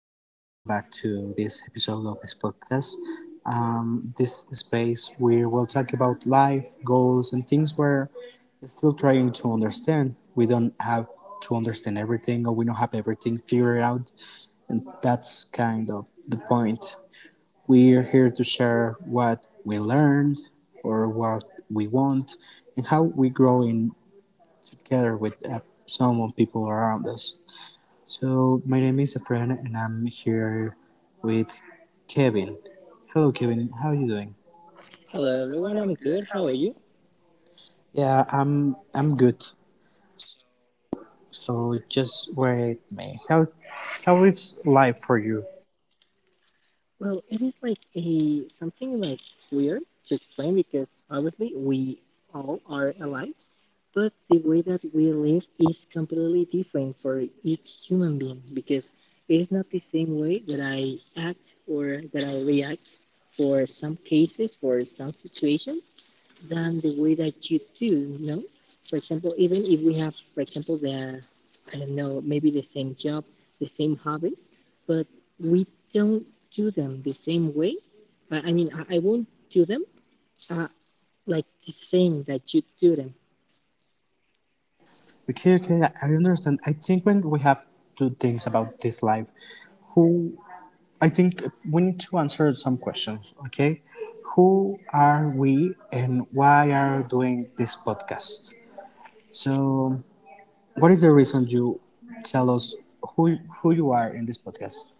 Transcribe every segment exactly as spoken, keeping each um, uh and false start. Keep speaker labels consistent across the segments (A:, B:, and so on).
A: Hello and welcome back to this episode of this podcast. Um, this space where we'll talk about life, goals, and things we're still trying to understand. We don't have to understand everything, or we don't have everything figured out, and that's kind of the point. We're here to share what we learned, or what we want, and how we grow in together with uh, some of people around us. So my name is Efren, and I'm here with Kevin. Hello, Kevin. How are you doing?
B: Hello everyone, I'm good. How are you?
A: Yeah, I'm. I'm good. So just wait me. How how is life for you?
B: Well, it is like a something like weird to explain because obviously we all are alive, but the way that we live is completely different for each human being because it is not the same way that I act or that I react for some cases, for some situations, than the way that you do, you know? For example, even if we have, for example, the, I don't know, maybe the same job, the same hobbies, but we don't do them the same way. I mean, I I won't do them uh, like the same that you do them.
A: Okay, okay. I understand. I think when we have two things about this life, who I think we need to answer some questions. Okay, who are we, and why are doing this podcast? So what is the reason you tell us who who you are in this podcast?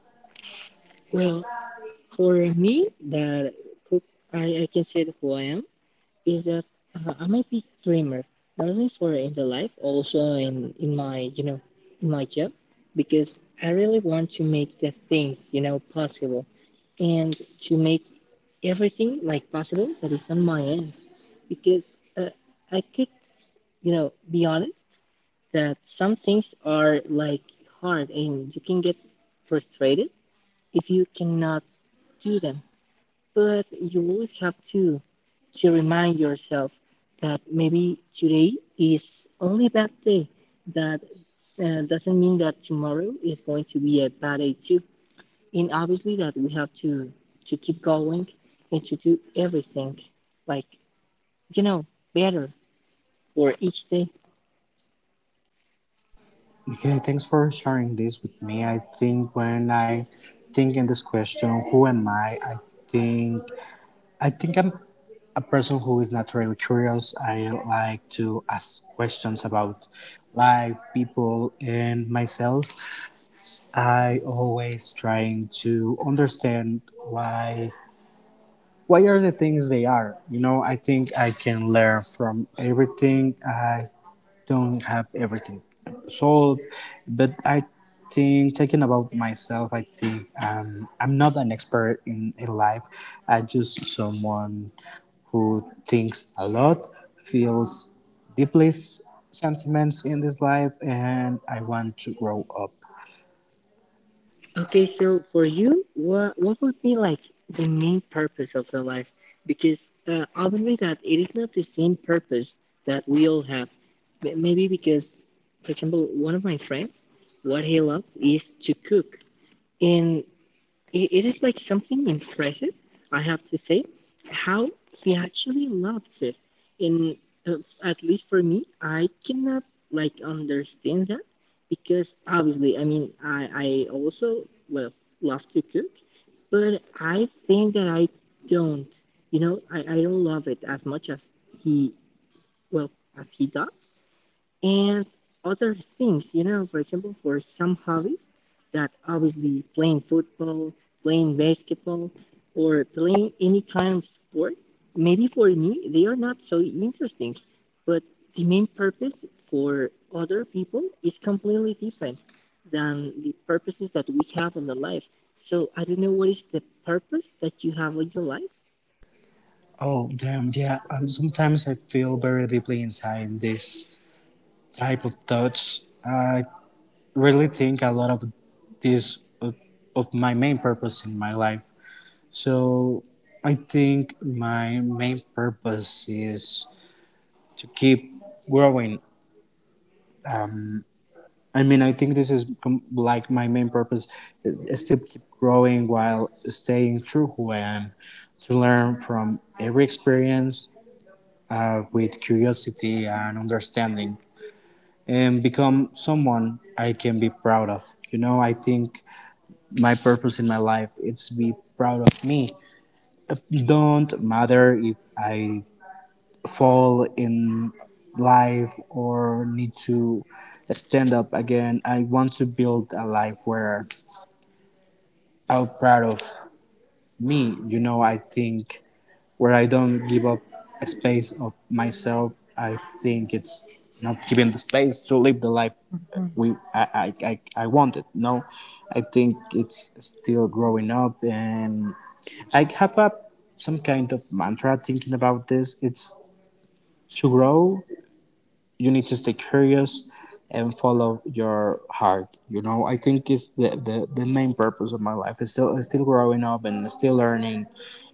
B: Well, for me, the cook I, I can say that who I am is that uh, I'm a big dreamer, not only for in the life, also in in my you know in my job, because I really want to make the things you know possible, and to make everything like possible that is on my end, because uh, I could you know be honest that some things are like hard and you can get frustrated if you cannot do them, but you always have to to remind yourself that maybe today is only a bad day. That uh, doesn't mean that tomorrow is going to be a bad day too. And obviously that we have to to keep going and to do everything like you know better for each day.
A: Okay, thanks for sharing this with me. I think when I think in this question, who am I? I think I think I'm a person who is naturally curious. I like to ask questions about life, people, and myself. I always trying to understand why why are the things they are. You know, I think I can learn from everything. I don't have everything solved, but I think talking about myself, I think um, I'm not an expert in, in life. I'm just someone who thinks a lot, feels deeply s- sentiments in this life, and I want to grow up.
B: Okay, so for you, what what would be like the main purpose of the life? Because uh, obviously that it is not the same purpose that we all have. M- Maybe because, for example, one of my friends, what he loves is to cook, and it, it is like something impressive, I have to say, how he actually loves it. In uh, at least for me, I cannot like understand that because obviously, I mean, I I also well love to cook, but I think that I don't, you know, I I don't love it as much as he well as he does, and other things, you know, for example, for some hobbies that obviously playing football, playing basketball, or playing any kind of sport, maybe for me, they are not so interesting, but the main purpose for other people is completely different than the purposes that we have in the life. So I don't know what is the purpose that you have in your life.
A: Oh damn, yeah. Um, sometimes I feel very deeply inside this type of thoughts. I really think a lot of this of, of my main purpose in my life. So I think my main purpose is to keep growing. Um, I mean, I think this is com- like my main purpose is, is to keep growing while staying true who I am, to learn from every experience uh, with curiosity and understanding, and become someone I can be proud of. You know, I think my purpose in my life is to be proud of me. Don't matter if I fall in life or need to stand up again. I want to build a life where I'm proud of me. You know, I think where I don't give up a space of myself. I think it's not giving the space to live the life we I, I, I, I wanted. No, I think it's still growing up and I have a some kind of mantra thinking about this. It's to grow you need to stay curious and follow your heart. You know, I think it's the, the, the main purpose of my life is still is still growing up and still learning,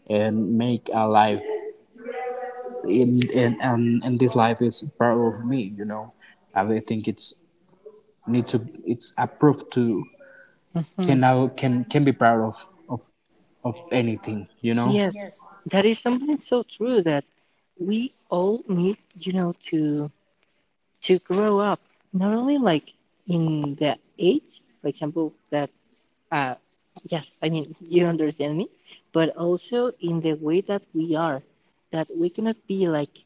A: and make a life in and and, and this life is part of me. You know, I really think it's need to it's approved to can
B: Mhm.
A: now can can be proud of of of anything. You know,
B: Yes, that is something so true that we all need, you know, to to grow up, not only like in the age, for example, that uh yes, I mean, you understand me, but also in the way that we are, that we cannot be like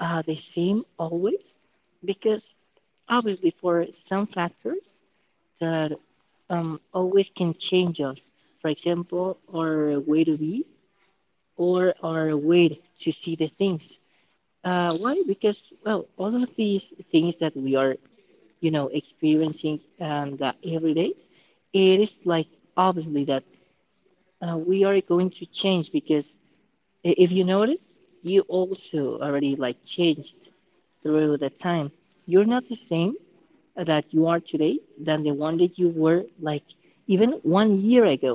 B: uh, the same always because obviously for some factors that um, always can change us. For example, our way to be or our way to see the things. Uh, why? Because well, all of these things that we are, you know, experiencing and uh, every day, it is like obviously that uh, we are going to change because I- if you notice, you also already like changed through the time. You're not the same that you are today than the one that you were like even one year ago,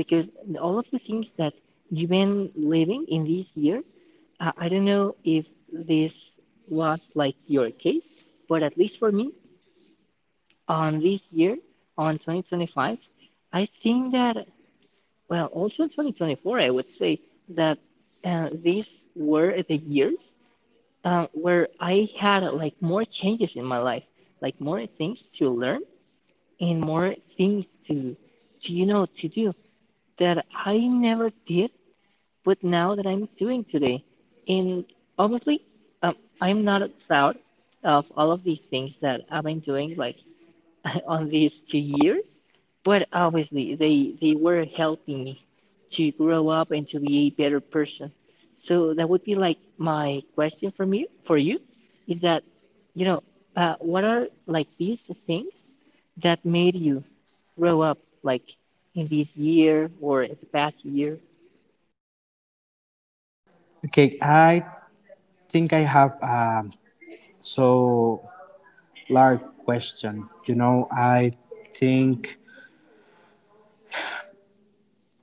B: because all of the things that you've been living in this year, uh, I don't know if this was like your case, but at least for me, on this year, on twenty twenty-five, I think that well, also in twenty twenty-four, I would say that uh, these were the years uh, where I had like more changes in my life, like more things to learn and more things to, to you know, to do that I never did, but now that I'm doing today. And obviously, um, I'm not proud of all of the things that I've been doing, like on these two years, but obviously they they were helping me to grow up and to be a better person. So that would be like my question from you for you is that you know uh, what are like these things that made you grow up like in this year or in the past year?
A: okay, I think I have um so large question. You know, i think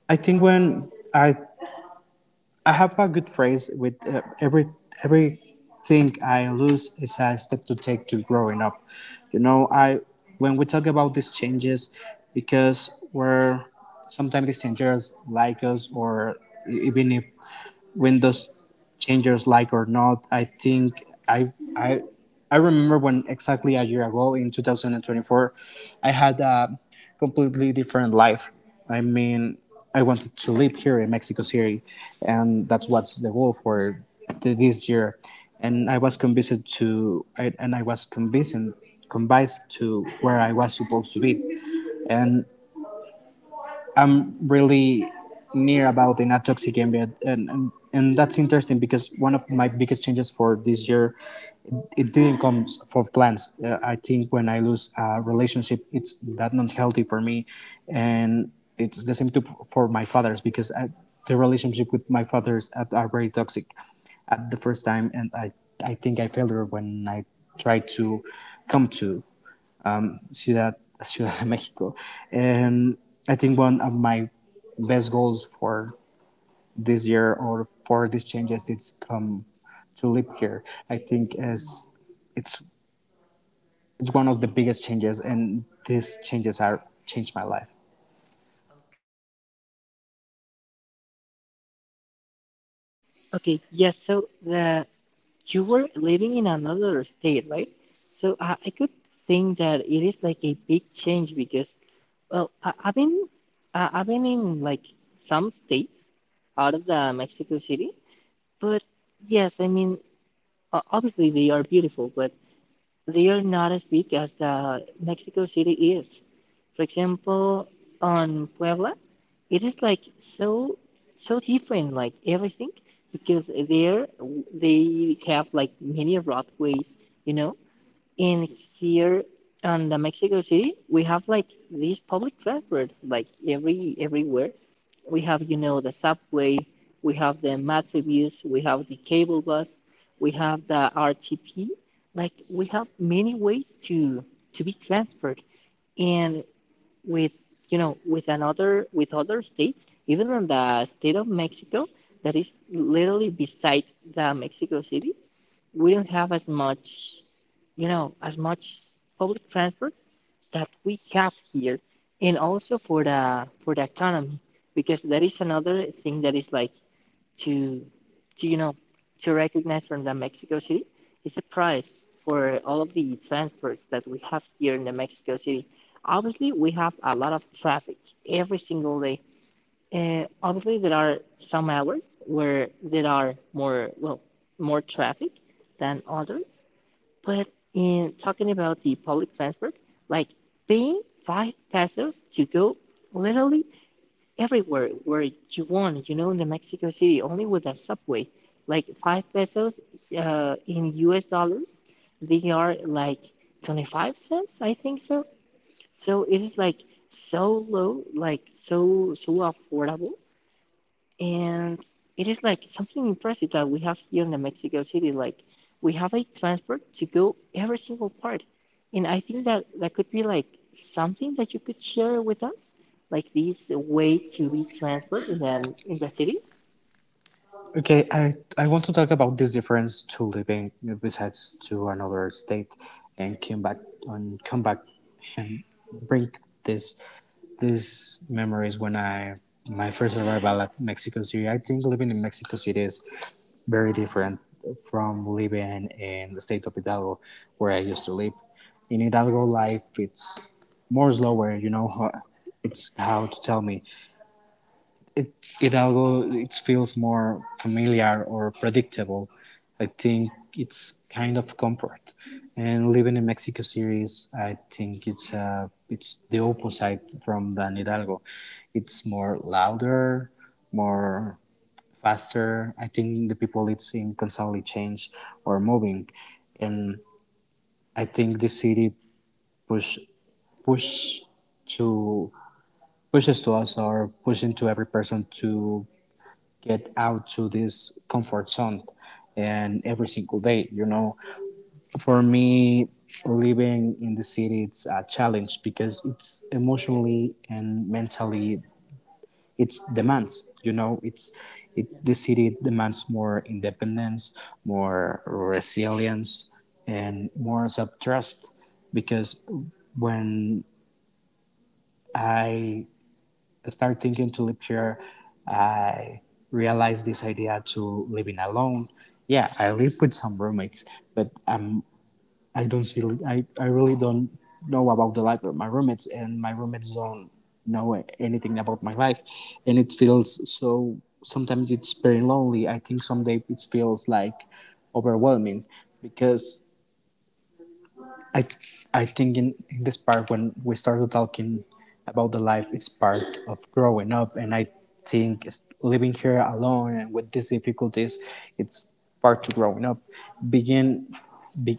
A: I think when I I have a good phrase with uh, every everything I lose is a step to take to growing up. You know, I when we talk about these changes, because we're sometimes these changes like us or e-, even if Windows changers like or not. I think I I I remember when exactly a year ago in two thousand twenty-four, I had a completely different life. I mean, I wanted to live here in Mexico City, and that's what's the goal for th- this year. And I was convinced to, I, and I was convinced convinced to where I was supposed to be. And really near about in a toxic ambient, and, and and that's interesting because one of my biggest changes for this year it didn't come for plans. uh, I think when I lose a relationship it's that not healthy for me, and it's the same too for my father's. Because I, the relationship with my father's at, are very toxic at the first time, and i i think I failed her when I tried to come to Ciudad, Ciudad de Mexico. And I think one of my best goals for this year or for these changes it's come to live here. I think as it's it's one of the biggest changes and these changes are changed my life.
B: Okay, yes. So the you were living in another state, right? So I, I could think that it is like a big change because, well, I, I've been I, I've been in like some states out of the Mexico City, but yes, I mean o- obviously they are beautiful, but they are not as big as the Mexico City is. For example, on Puebla, it is like so so different, like everything, because there they have like many roadways, you know, in here on the Mexico City, we have like this public transport, like every everywhere. We have, you know, the subway, we have the Metrobus, we have the cable bus, we have the R T P. Like we have many ways to to be transferred, and with you know with another with other states, even in the state of Mexico, that is literally beside the Mexico City, we don't have as much you know, as much public transport that we have here, and also for the for the economy, because that is another thing that is like to, to you know, to recognize from the Mexico City is the price for all of the transports that we have here in the Mexico City. Obviously, we have a lot of traffic every single day. Uh, obviously, there are some hours where there are more well more traffic than others, but in talking about the public transport, like paying five pesos to go literally everywhere where you want, you know, in the Mexico City, only with a subway. Like five pesos uh, in U S dollars, they are like 25 cents, I think so. So it is like so low, like so so affordable, and it is like something impressive that we have here in the Mexico City. Like we have a transport to go every single part, and I think that that could be like something that you could share with us, like this way to be transport in the in the city.
A: Okay, I, I want to talk about this difference to living besides to another state and come back and come back and bring this these memories when I my first arrival at Mexico City. I think living in Mexico City is very different from living in the state of Hidalgo where I used to live. In Hidalgo life, it's more slower. You know, ho- it's how to tell me it, it although it feels more familiar or predictable, I think it's kind of comfort. And living in Mexico City is, I think it's uh, it's the opposite from Dan Hidalgo. It's more louder, more faster. I think the people it's in constantly change or moving, and I think the city push push to pushes to us or pushing to every person to get out to this comfort zone and every single day. You know, for me living in the city it's a challenge because it's emotionally and mentally it's demands. You know, it's it, the city demands more independence, more resilience and more self-trust. Because when I start thinking to live here, I realized this idea to living alone. Yeah, I live with some roommates, but um, I don't see. I, I really don't know about the life of my roommates, and my roommates don't know anything about my life, and it feels so. Sometimes it's very lonely. I think someday it feels like overwhelming because I I think in, in this part when we started talking about the life, it's part of growing up, and I think it's- living here alone and with these difficulties, it's part to growing up. Begin be,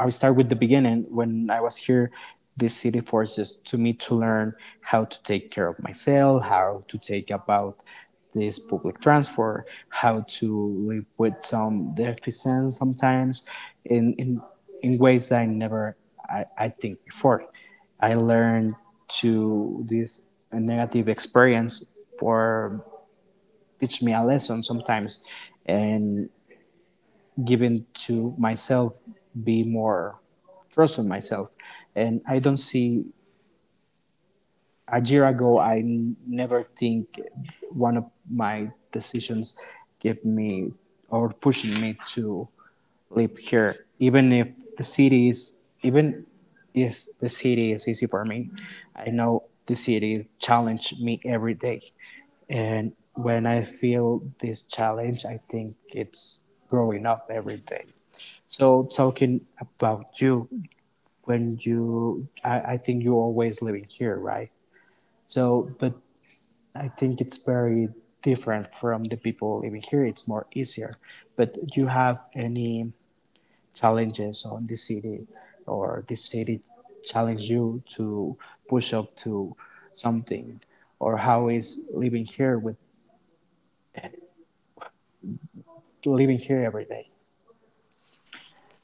A: I'll start with the beginning. When I was here, this city forces to me to learn how to take care of myself, how to take about this public transport, how to live with some deficiencies sometimes in, in, in ways that I never I, I think before. I learned to this negative experience for teach me a lesson sometimes and given to myself, be more trust on myself. And I don't see a year ago, I n- never think one of my decisions gave me or pushing me to live here, even if the city is even if the city is easy for me. I know the city challenge me every day, and when I feel this challenge, I think it's growing up every day. So talking about you, when you, I, I think you're always living here, right? So, but I think it's very different from the people living here. It's more easier. But do you have any challenges on this city, or this city challenge you to push up to something, or how is living here with living here every day?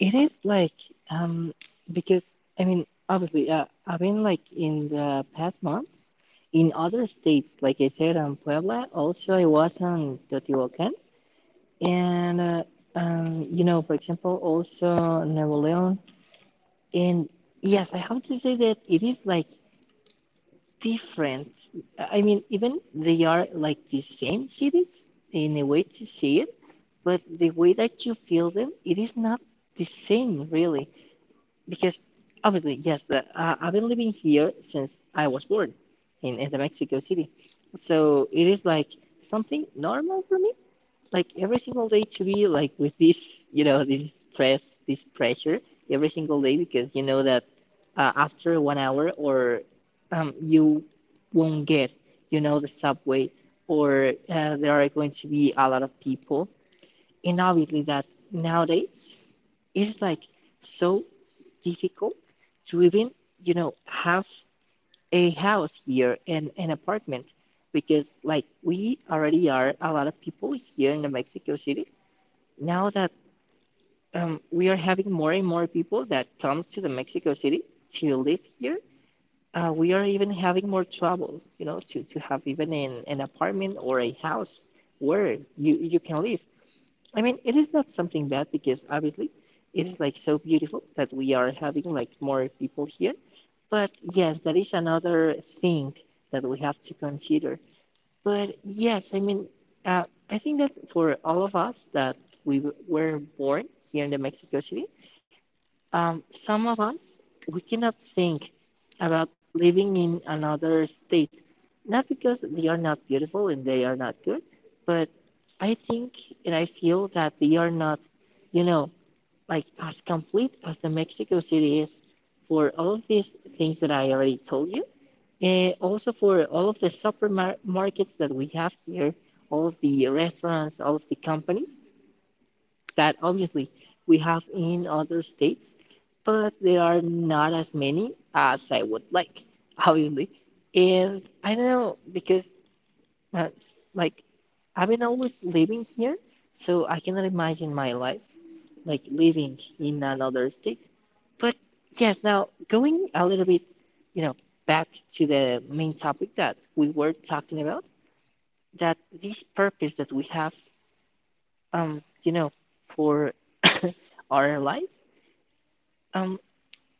B: It is like um because I mean obviously uh, I've been like in the past months in other states, like I said, on Puebla. Also, I was on Teotihuacan and uh, um, you know, for example, also Napoleon. And yes, I have to say that it is like different. I mean, even they are like the same cities in a way to see it, but the way that you feel them, it is not the same really, because obviously yes, the, uh, I've been living here since I was born in, in the Mexico City, so it is like something normal for me, like every single day to be like with this, you know, this stress, this pressure every single day, because you know that uh, after one hour or um, you won't get, you know, the subway, or uh, there are going to be a lot of people, and obviously that nowadays it's like so difficult to even you know have a house here and an apartment, because like we already are a lot of people here in the Mexico City. Now that um, we are having more and more people that comes to the Mexico City to live here, uh, we are even having more trouble, you know, to, to have even an, an apartment or a house where you, you can live. I mean, it is not something bad because obviously it is like so beautiful that we are having like more people here. But yes, that is another thing that we have to consider. But yes, I mean, uh, I think that for all of us that we w- were born here in the Mexico City, um, some of us, we cannot think about living in another state, not because they are not beautiful and they are not good, but I think and I feel that they are not, you know, like as complete as the Mexico City is, for all of these things that I already told you. And also for all of the supermarkets that we have here, all of the restaurants, all of the companies that obviously we have in other states, but there are not as many as I would like, obviously. And I don't know because uh, like I've been always living here, so I cannot imagine my life like living in another state. But yes, now going a little bit, you know, back to the main topic that we were talking about, that this purpose that we have, um, you know, for our life. um,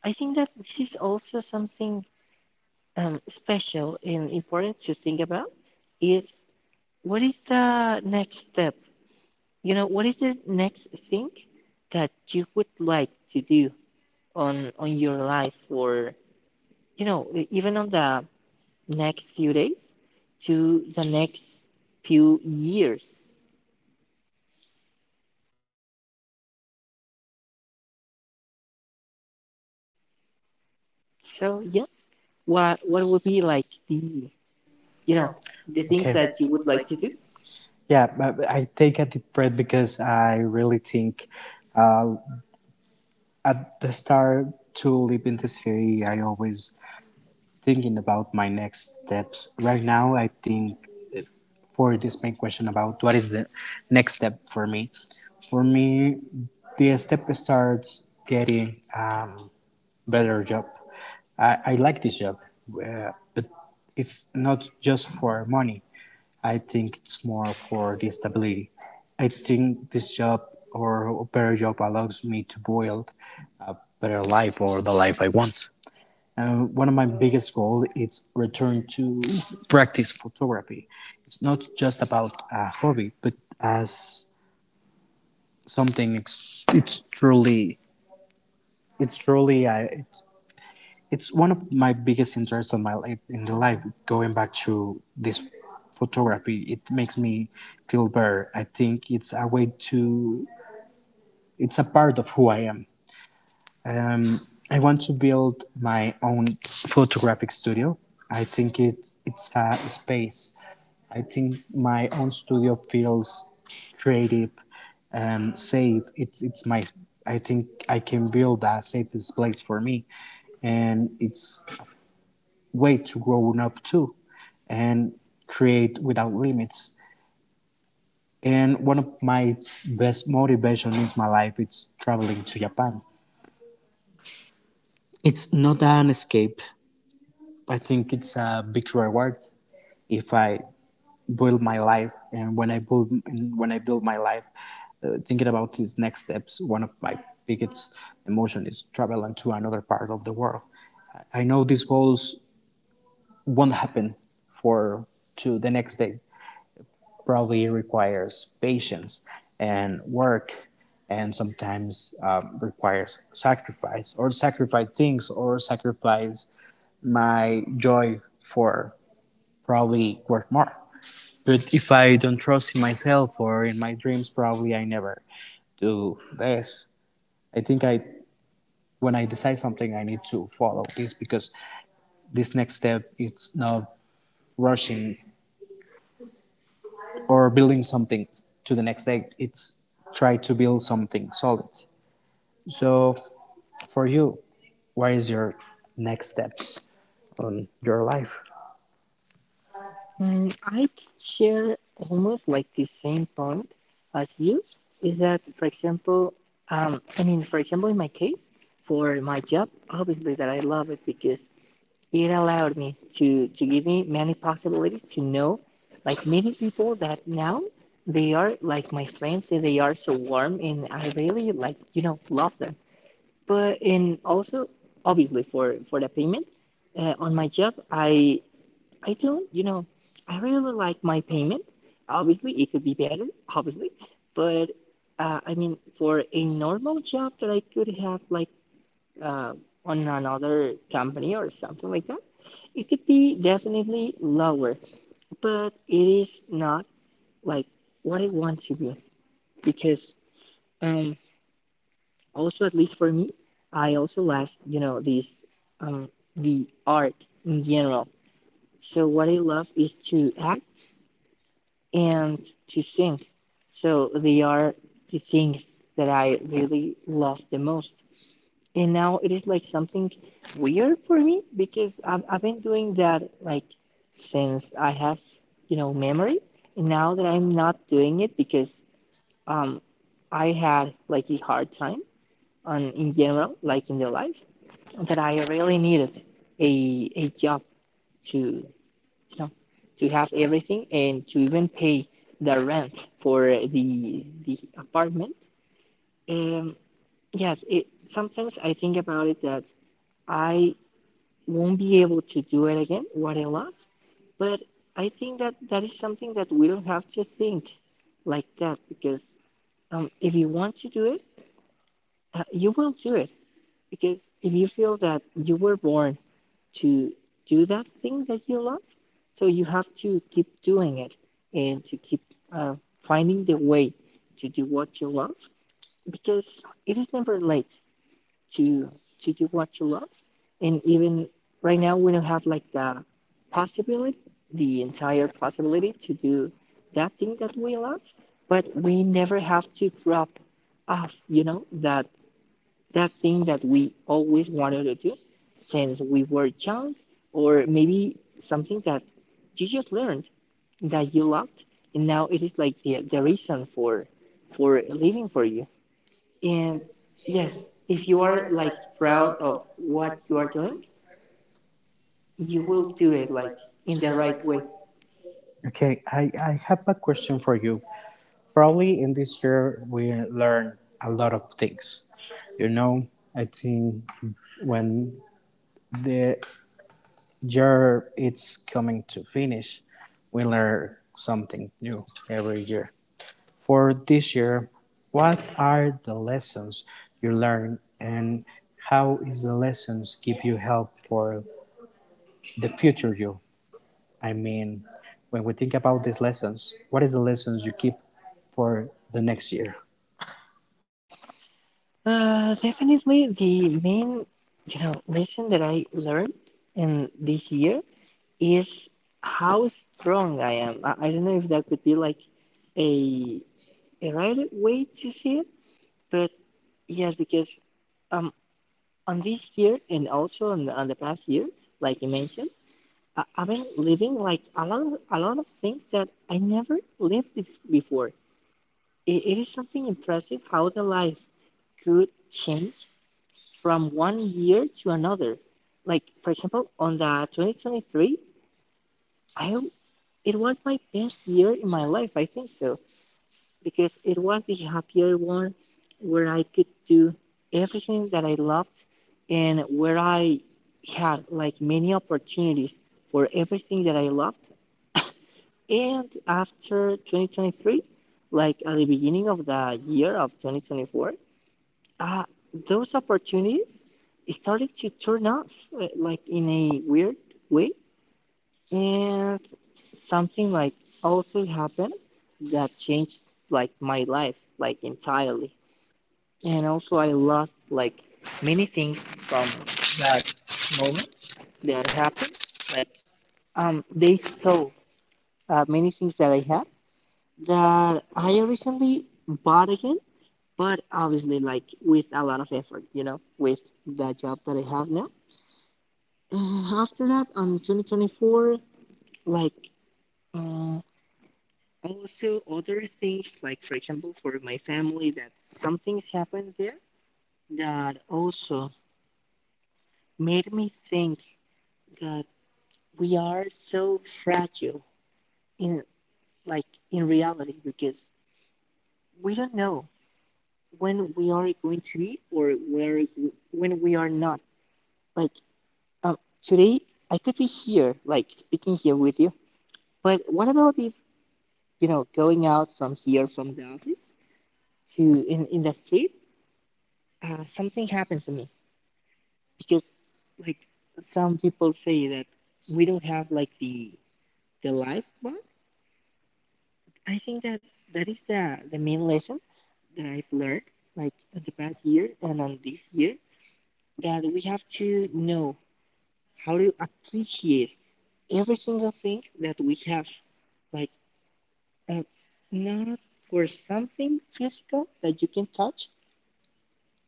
B: I think that this is also something um, special and important to think about is what is the next step? You know, what is the next thing that you would like to do on on your life or you know, e- even on the next few days to the next few years. So yes, what what would be like the you know, the things
A: Okay.
B: that you would like to do.
A: Yeah, but I take a deep breath because I really think uh, at the start to live in this theory, I always thinking about my next steps. Right now, I think for this main question about what is the next step for me. For me, the step starts getting um, better job. I, I like this job, uh, but it's not just for money. I think it's more for the stability. I think this job or better job allows me to build a better life or the life I want. Uh, one of my biggest goals is return to practice photography. It's not just about a hobby, but as something. It's, it's truly, it's truly. I it's one of my biggest interests on my li- in the life. Going back to this photography it makes me feel better. I think it's a way to it's a part of who I am. um, I want to build my own photographic studio. I think it's it's a space. I think my own studio feels creative, um, safe. It's it's my, I think I can build a safe place for me, and it's way to grow up too and create without limits. And one of my best motivation in my life is traveling to Japan. It's not an escape. I think it's a big reward if I build my life and when I build when I build my life, uh, thinking about these next steps, one of my biggest emotion is traveling to another part of the world. I know these goals won't happen for to the next day, probably requires patience and work, and sometimes um, requires sacrifice, or sacrifice things, or sacrifice my joy for probably work more. But if I don't trust in myself or in my dreams, probably I never do this. I think I When I decide something, I need to follow this because this next step, it's not rushing or building something to the next day. It's try to build something solid. So, for you, what is your next steps on your life?
B: Mm, I can share almost like the same point as you is that, for example, um, I mean, for example, in my case, for my job, obviously that I love it because it allowed me to to give me many possibilities to know, like many people that now they are like my friends and they are so warm and I really like, you know, love them. But and also obviously for for the payment, uh, on my job, I I don't, you know, I really like my payment. Obviously, it could be better, obviously, but uh, I mean, for a normal job that I could have, like uh, on another company or something like that, it could be definitely lower, but it is not like what I want to be because um, also at least for me, I also love, you know, this um, the art in general. So what I love is to act and to sing. So they are the things that I really love the most. And now it is like something weird for me because I've, I've been doing that like since I have, you know, memory. And now that I'm not doing it because um, I had like a hard time on in general, like in the life, that I really needed a, a job to, you know, to have everything and to even pay the rent for the the apartment. um, yes, it sometimes I think about it that I won't be able to do it again what I love. But I think that that is something that we don't have to think like that because um, if you want to do it, uh, you will do it because if you feel that you were born to do that thing that you love. So you have to keep doing it and to keep uh, finding the way to do what you love because it is never late to to do what you love. And even right now, we don't have like the possibility, the entire possibility to do that thing that we love, but we never have to drop off, you know, that that thing that we always wanted to do since we were young, or maybe something that you just learned that you loved, and now it is like the, the reason for for living for you. And yes, if you are like proud of what you are doing, you will do it like in the right way.
A: Okay, I, I have a question for you. Probably in this year, we learn a lot of things. You know, I think when the year it's coming to finish, we learn something new every year. For this year, what are the lessons you learn, and how is the lessons give you help for the future you? I mean, when we think about these lessons, what is the lessons you keep for the next year?
B: Uh, definitely the main, you know, lesson that I learned in this year is how strong I am. I, I don't know if that could be like a, a right way to see it, but yes, because um, on this year and also on the, on the past year, like you mentioned, I, I've been living like a lot of, a lot of things that I never lived be- before. It, it is something impressive how the life could change from one year to another. Like for example, on the twenty twenty-three, I. It was my best year in my life, I think so, because it was the happier one where I could do everything that I loved and where I had like many opportunities for everything that I loved. And after twenty twenty-three, like at the beginning of the year of twenty twenty-four, uh, those opportunities started to turn off, uh, like in a weird way, and something like also happened that changed like my life like entirely. And also I lost like many things from that moment that happened. Like um they stole uh, many things that I had that I recently bought again, but obviously like with a lot of effort, you know, with the job that I have now. Uh, after that, on twenty twenty-four, like uh, also, other things like, for example, for my family, that some things happened there that also made me think that we are so fragile in like in reality because we don't know when we are going to be or where when we are not. Like uh, today, I could be here, like speaking here with you. But what about if, you know, going out from here from the office to in in the street, uh, something happens to me because like some people say that we don't have like the the life. But I think that that is the the main lesson that I've learned like in the past year and on this year, that we have to know how to appreciate every single thing that we have, like uh, not for something physical that you can touch,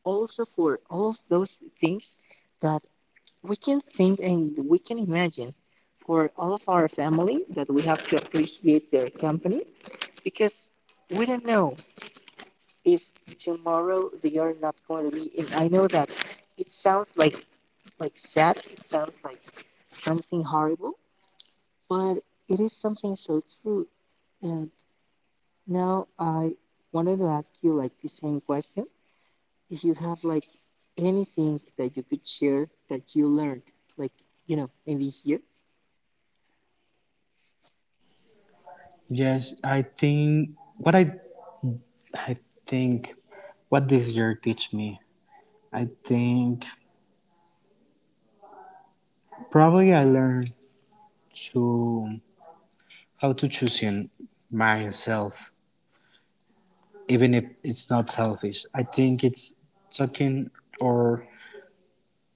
B: also for all of those things that we can think and we can imagine, for all of our family that we have to appreciate their company because we don't know if tomorrow they are not going to be. And I know that it sounds like like sad, it sounds like something horrible, but it is something so true. And now I wanted to ask you like the same question if you have like anything that you could share that you learned, like you know, in this year.
A: Yes, I think what I I think what this year teach me. I think probably I learned to how to choose in myself, even if it's not selfish. I think it's talking or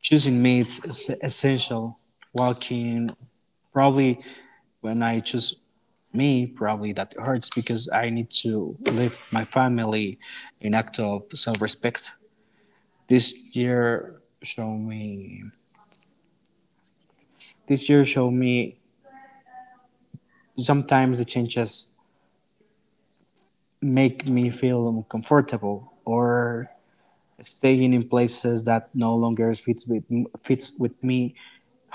A: choosing me. It's essential. Walking probably when I choose me, probably that hurts because I need to leave my family in act of self-respect. This year show me this year show me sometimes the changes make me feel uncomfortable, or staying in places that no longer fits with fits with me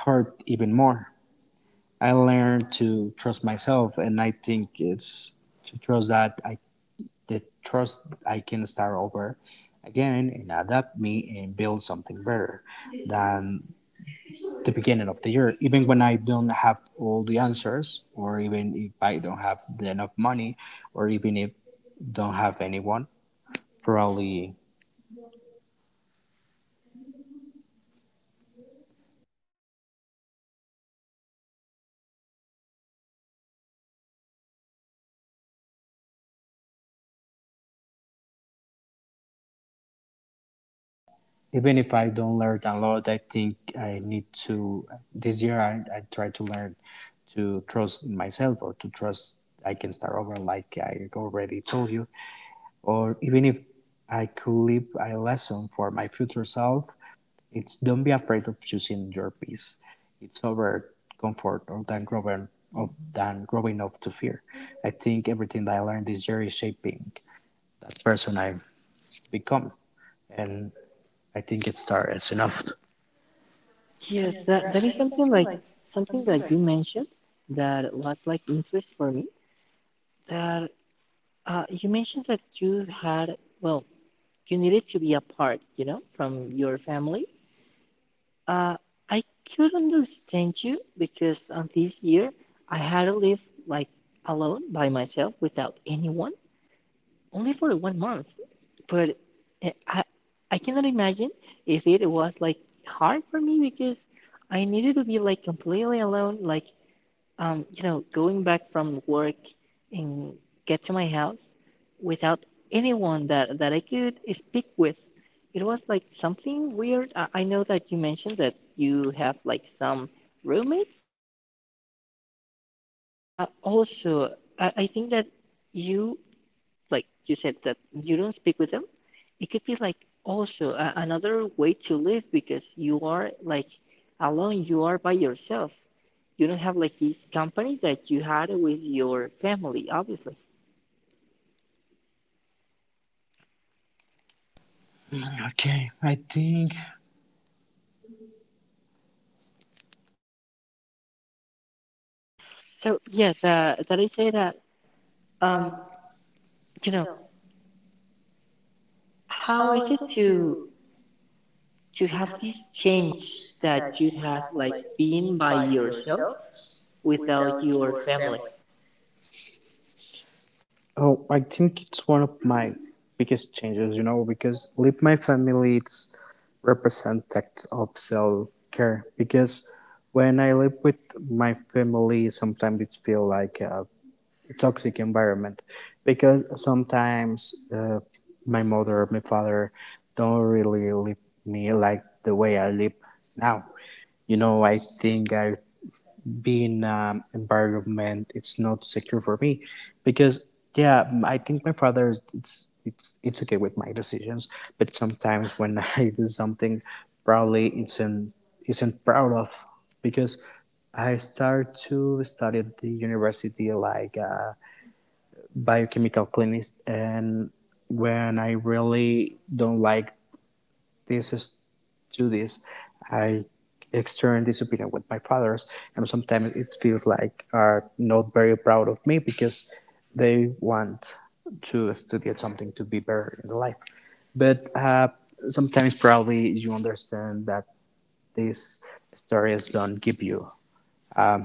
A: hurt even more. I learned to trust myself, and I think it's to trust that I the trust I can start over again and adapt me and build something better than the beginning of the year. Even when I don't have all the answers, or even if I don't have enough money, or even if don't have anyone, probably even if I don't learn a lot, I think I need to this year I, I try to learn to trust in myself, or to trust I can start over like I already told you. Or even if I could leave a lesson for my future self, it's don't be afraid of choosing your peace. It's over comfort, or than growing of than growing up to fear. I think everything that I learned this year is shaping that person I've become, and I think it starts enough.
B: Yes, that, that is something like something that you mentioned that was like interest for me. That uh, you mentioned that you had, well, you needed to be apart, you know, from your family. Uh, I could understand you because on this year I had to live like alone by myself without anyone, only for one month. But eh, I, I cannot imagine if it was like hard for me because I needed to be like completely alone, like, Um, you know, going back from work and get to my house without anyone that that I could speak with. It was like something weird. I, I know that you mentioned that you have like some roommates, but uh, also, I, I think that you, like you said, that you don't speak with them, it could be like also a, another way to live because you are like alone, you are by yourself, you don't have like this company that you had with your family, obviously.
A: Okay, I think
B: So yes, uh, that I say that um you know, how is it to to have this change that you have, like being by yourself without your family.
A: oh, I think it's one of my biggest changes, you know, because leave my family, it's represent representative of self care. Because when I live with my family, sometimes it feel like a toxic environment. Because sometimes uh, my mother, my father, don't really leave me like the way I live now. You know, I think I being um, environment it's not secure for me because yeah, m- I think my father is- it's it's it's okay with my decisions, but sometimes when I do something probably isn't isn't proud of. Because I start to study at the university like uh, biochemical clinics, and when I really don't like this is do this. I externed this opinion with my fathers, and sometimes it feels like are not very proud of me because they want to study something to be better in life. But uh, sometimes probably you understand that these stories don't give you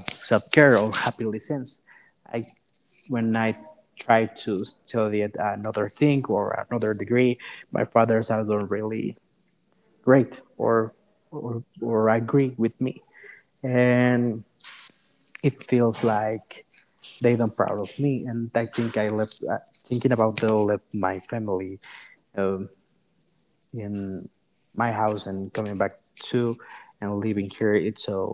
A: self-care or happily sense. I when I try to study at another thing or another degree, my fathers I don't really great, or or, or agree with me, and it feels like they don't proud of me. And I think I left uh, thinking about the left my family, um, in my house, and coming back to and living here, it's a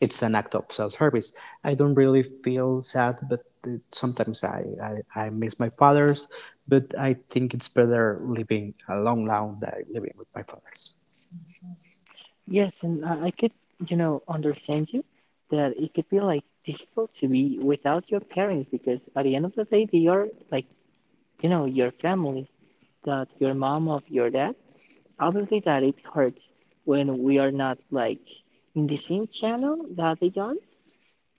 A: it's an act of self-service. I don't really feel sad, but it, sometimes I, I, I miss my fathers. But I think it's better living alone now than living with my fathers.
B: Yes, and I, I could, you know, understand you that it could be like difficult to be without your parents because at the end of the day, they are like, you know, your family, that your mom of your dad. Obviously, that it hurts when we are not like in the same channel that they are,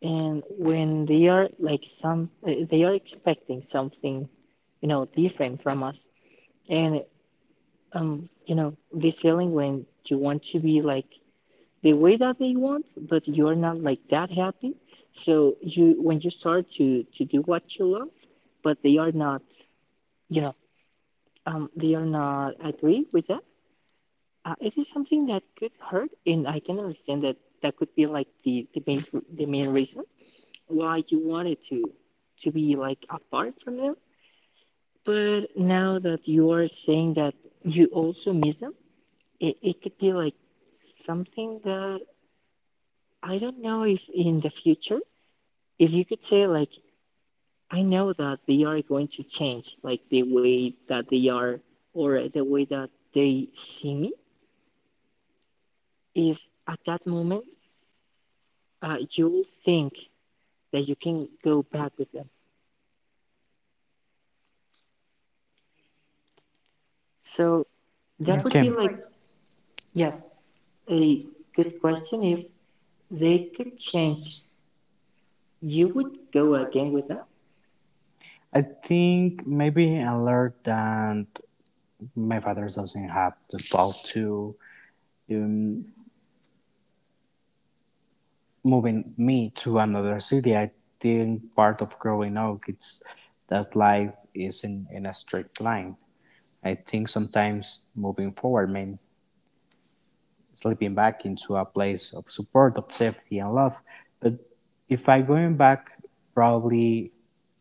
B: and when they are like some, uh, they are expecting something, you know, different from us. And um, you know, this feeling when you want to be like the way that they want, but you're not like that happy. So you, when you start to to do what you love, but they are not, you know, um, they are not agree with that. Uh, it is something that could hurt, and I can understand that that could be like the the main the main reason why you wanted to to be like apart from them. But now that you are saying that you also miss them, it, it could be like something that I don't know if in the future, if you could say like, I know that they are going to change like the way that they are or the way that they see me, if at that moment uh, you'll think that you can go back with them, so that
A: Yeah,
B: would
A: okay, I
B: be
A: feel
B: like,
A: like
B: yes, a good question. If they could change, you would go again with them.
A: I think maybe I learned that my father doesn't have the ball to um, moving me to another city. I think part of growing up, it's that life isn't in a straight line. I think sometimes moving forward means slipping back into a place of support, of safety and love. But if I going back, probably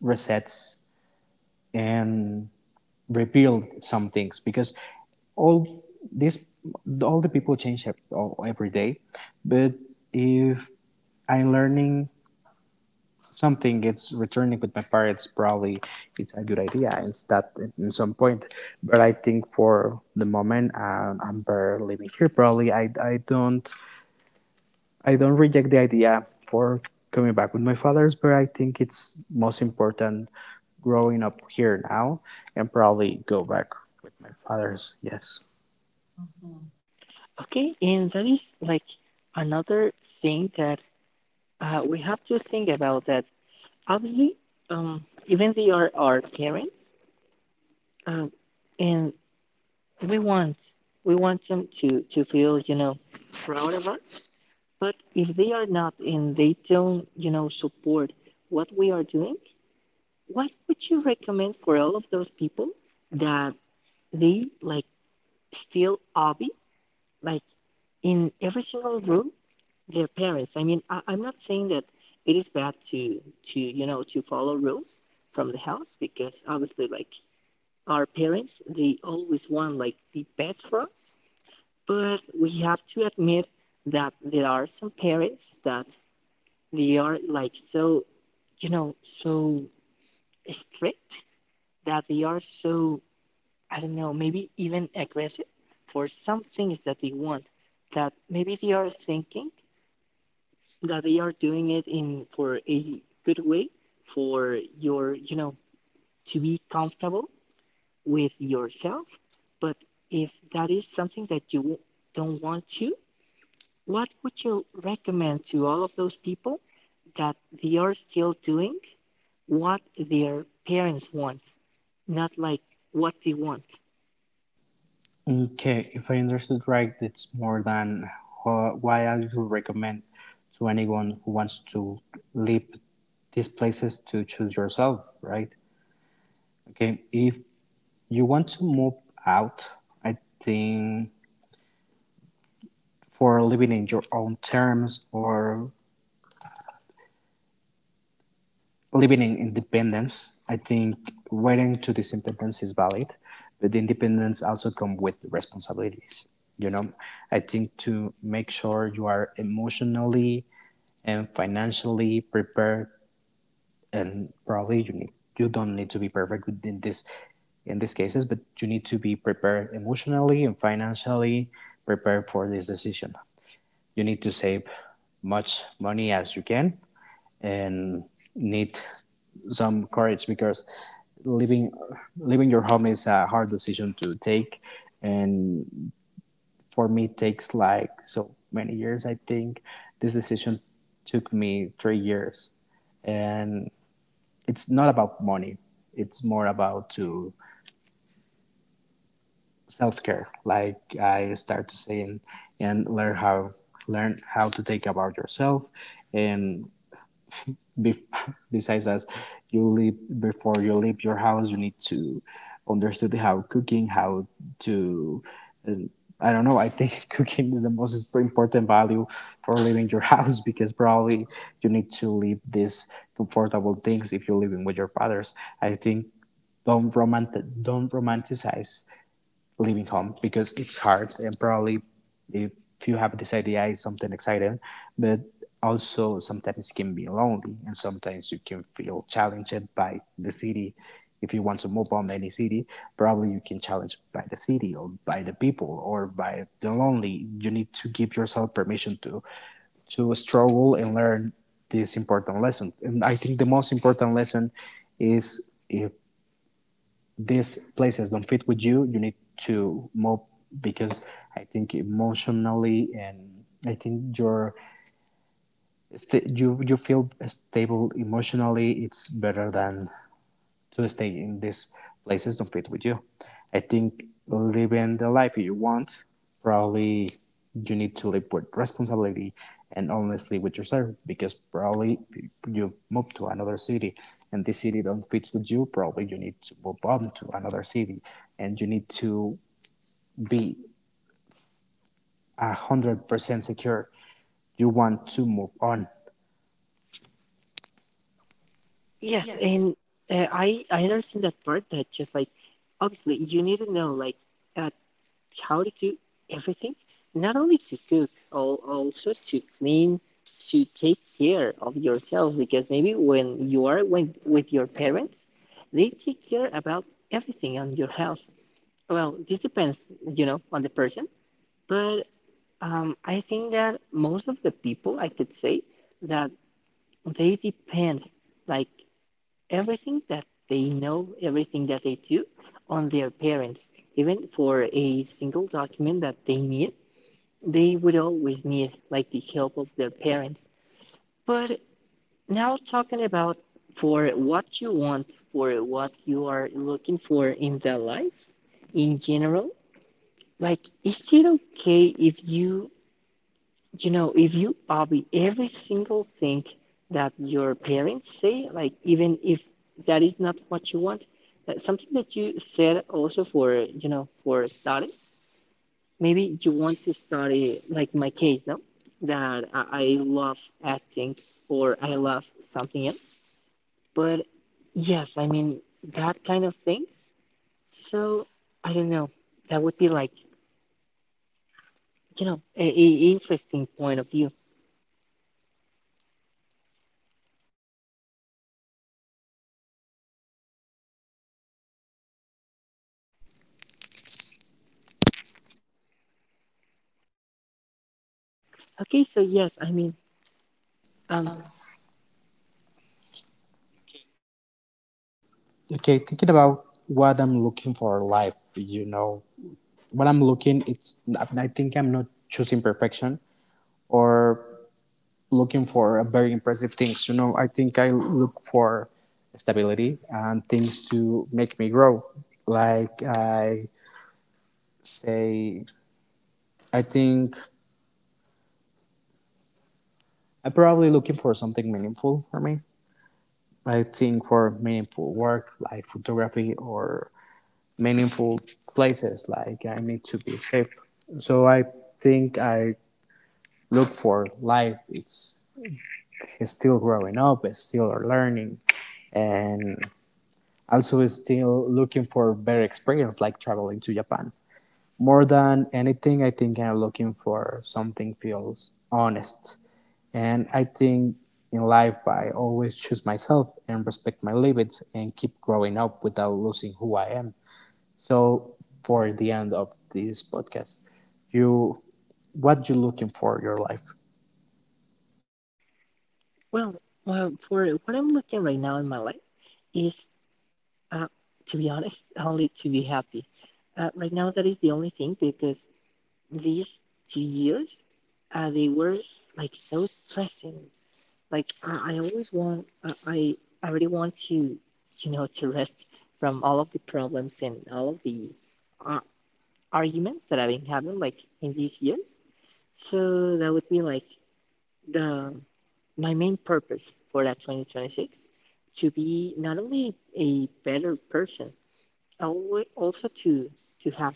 A: resets and rebuild some things because all this all the people change every day. But if I'm learning something, it's returning with my parents probably it's a good idea and start at some point. But I think for the moment, um, I'm better living here. Probably I, I don't I don't reject the idea for coming back with my father's, but I think it's most important growing up here now, and probably go back with my father's, yes.
B: Okay, and that is like another thing that uh, we have to think about that obviously, um, even they are our parents. Um, and we want we want them to to feel, you know, proud of us. But if they are not and they don't, you know, support what we are doing, what would you recommend for all of those people that they like still hobby like in every single room their parents? I mean, I, I'm not saying that it is bad to to you know, to follow rules from the house because obviously like our parents, they always want like the best for us, but we have to admit that there are some parents that they are like so, you know, so strict, that they are so, I don't know, maybe even aggressive for some things that they want. That maybe they are thinking that they are doing it in for a good way for your, you know, to be comfortable with yourself. But if that is something that you don't want to, what would you recommend to all of those people that they are still doing what their parents want, not like what they want?
A: Okay, if I understood right, it's more than uh, why I would recommend to anyone who wants to leave these places to choose yourself, right? Okay, if you want to move out, I think for living in your own terms or living in independence, I think waiting to this independence is valid, but the independence also come with responsibilities. You know, I think to make sure you are emotionally and financially prepared, and probably you need you don't need to be perfect in this in these cases, but you need to be prepared emotionally and financially prepared for this decision. You need to save much money as you can, and need some courage because leaving leaving your home is a hard decision to take. And for me it takes like so many years. I think this decision took me three years, and it's not about money, it's more about to self-care, like I start to saying, and learn how learn how to take about yourself. And bef- besides as you leave before you leave your house, you need to understand how cooking how to uh, I don't know, I think cooking is the most important value for leaving your house, because probably you need to leave these comfortable things if you're living with your fathers. I think don't romantic don't romanticize leaving home, because it's hard, and probably if you have this idea it's something exciting, but also sometimes it can be lonely, and sometimes you can feel challenged by the city. If you want to move on any city, probably you can challenge by the city, or by the people, or by the lonely. You need to give yourself permission to to struggle and learn this important lesson. And I think the most important lesson is if these places don't fit with you, you need to move, because I think emotionally, and I think you're sta you you feel stable emotionally, it's better than to stay in these places don't fit with you. I think living the life you want, probably you need to live with responsibility and honestly with yourself, because probably you move to another city and this city don't fit with you, probably you need to move on to another city. And you need to be a hundred percent secure. You want to move on.
B: Yes, and uh, I I understand that part. That just like obviously you need to know like at how to do everything, not only to cook, al- also to clean, to take care of yourself. Because maybe when you are when, with your parents, they take care about everything on your health. Well, this depends, you know, on the person. But um, I think that most of the people, I could say, that they depend, like everything that they know, everything that they do, on their parents, even for a single document that they need, they would always need like the help of their parents. But now talking about for what you want, for what you are looking for in the life in general, like is it okay if you, you know, if you obey every single thing that your parents say, like even if that is not what you want? That's something that you said also for, you know, for studies. Maybe you want to study, like my case, no? That I, I love acting or I love something else. But yes, I mean, that kind of things. So, I don't know. That would be like, you know, a, a interesting point of view. Okay, so yes, I mean, um,
A: Okay, thinking about what I'm looking for in life, you know, what I'm looking, it's I think I'm not choosing perfection, or looking for a very impressive things. You know, I think I look for stability and things to make me grow. Like I say, I think I'm probably looking for something meaningful for me. I think for meaningful work like photography, or meaningful places like I need to be safe. So I think I look for life. It's is still growing up, is still learning, and also is still looking for better experience like traveling to Japan. More than anything, I think I'm looking for something feels honest. And I think in life, I always choose myself and respect my limits and keep growing up without losing who I am. So for the end of this podcast, you, what you looking for in your life?
B: well, well, for what I'm looking right now in my life is, uh, to be honest, only to be happy. Uh, right now, that is the only thing because these two years, uh, they were like so stressing. Like I, I always want, uh, I I really want to, you know, to rest from all of the problems and all of the uh, arguments that I've been having like in these years. So that would be like the my main purpose for that twenty twenty-six, to be not only a better person, also to to have,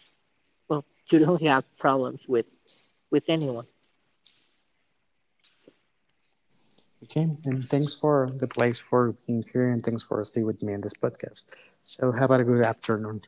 B: well, to don't have problems with with anyone.
A: Okay, and thanks for the place for being here, and thanks for staying with me in this podcast. So, have a good afternoon.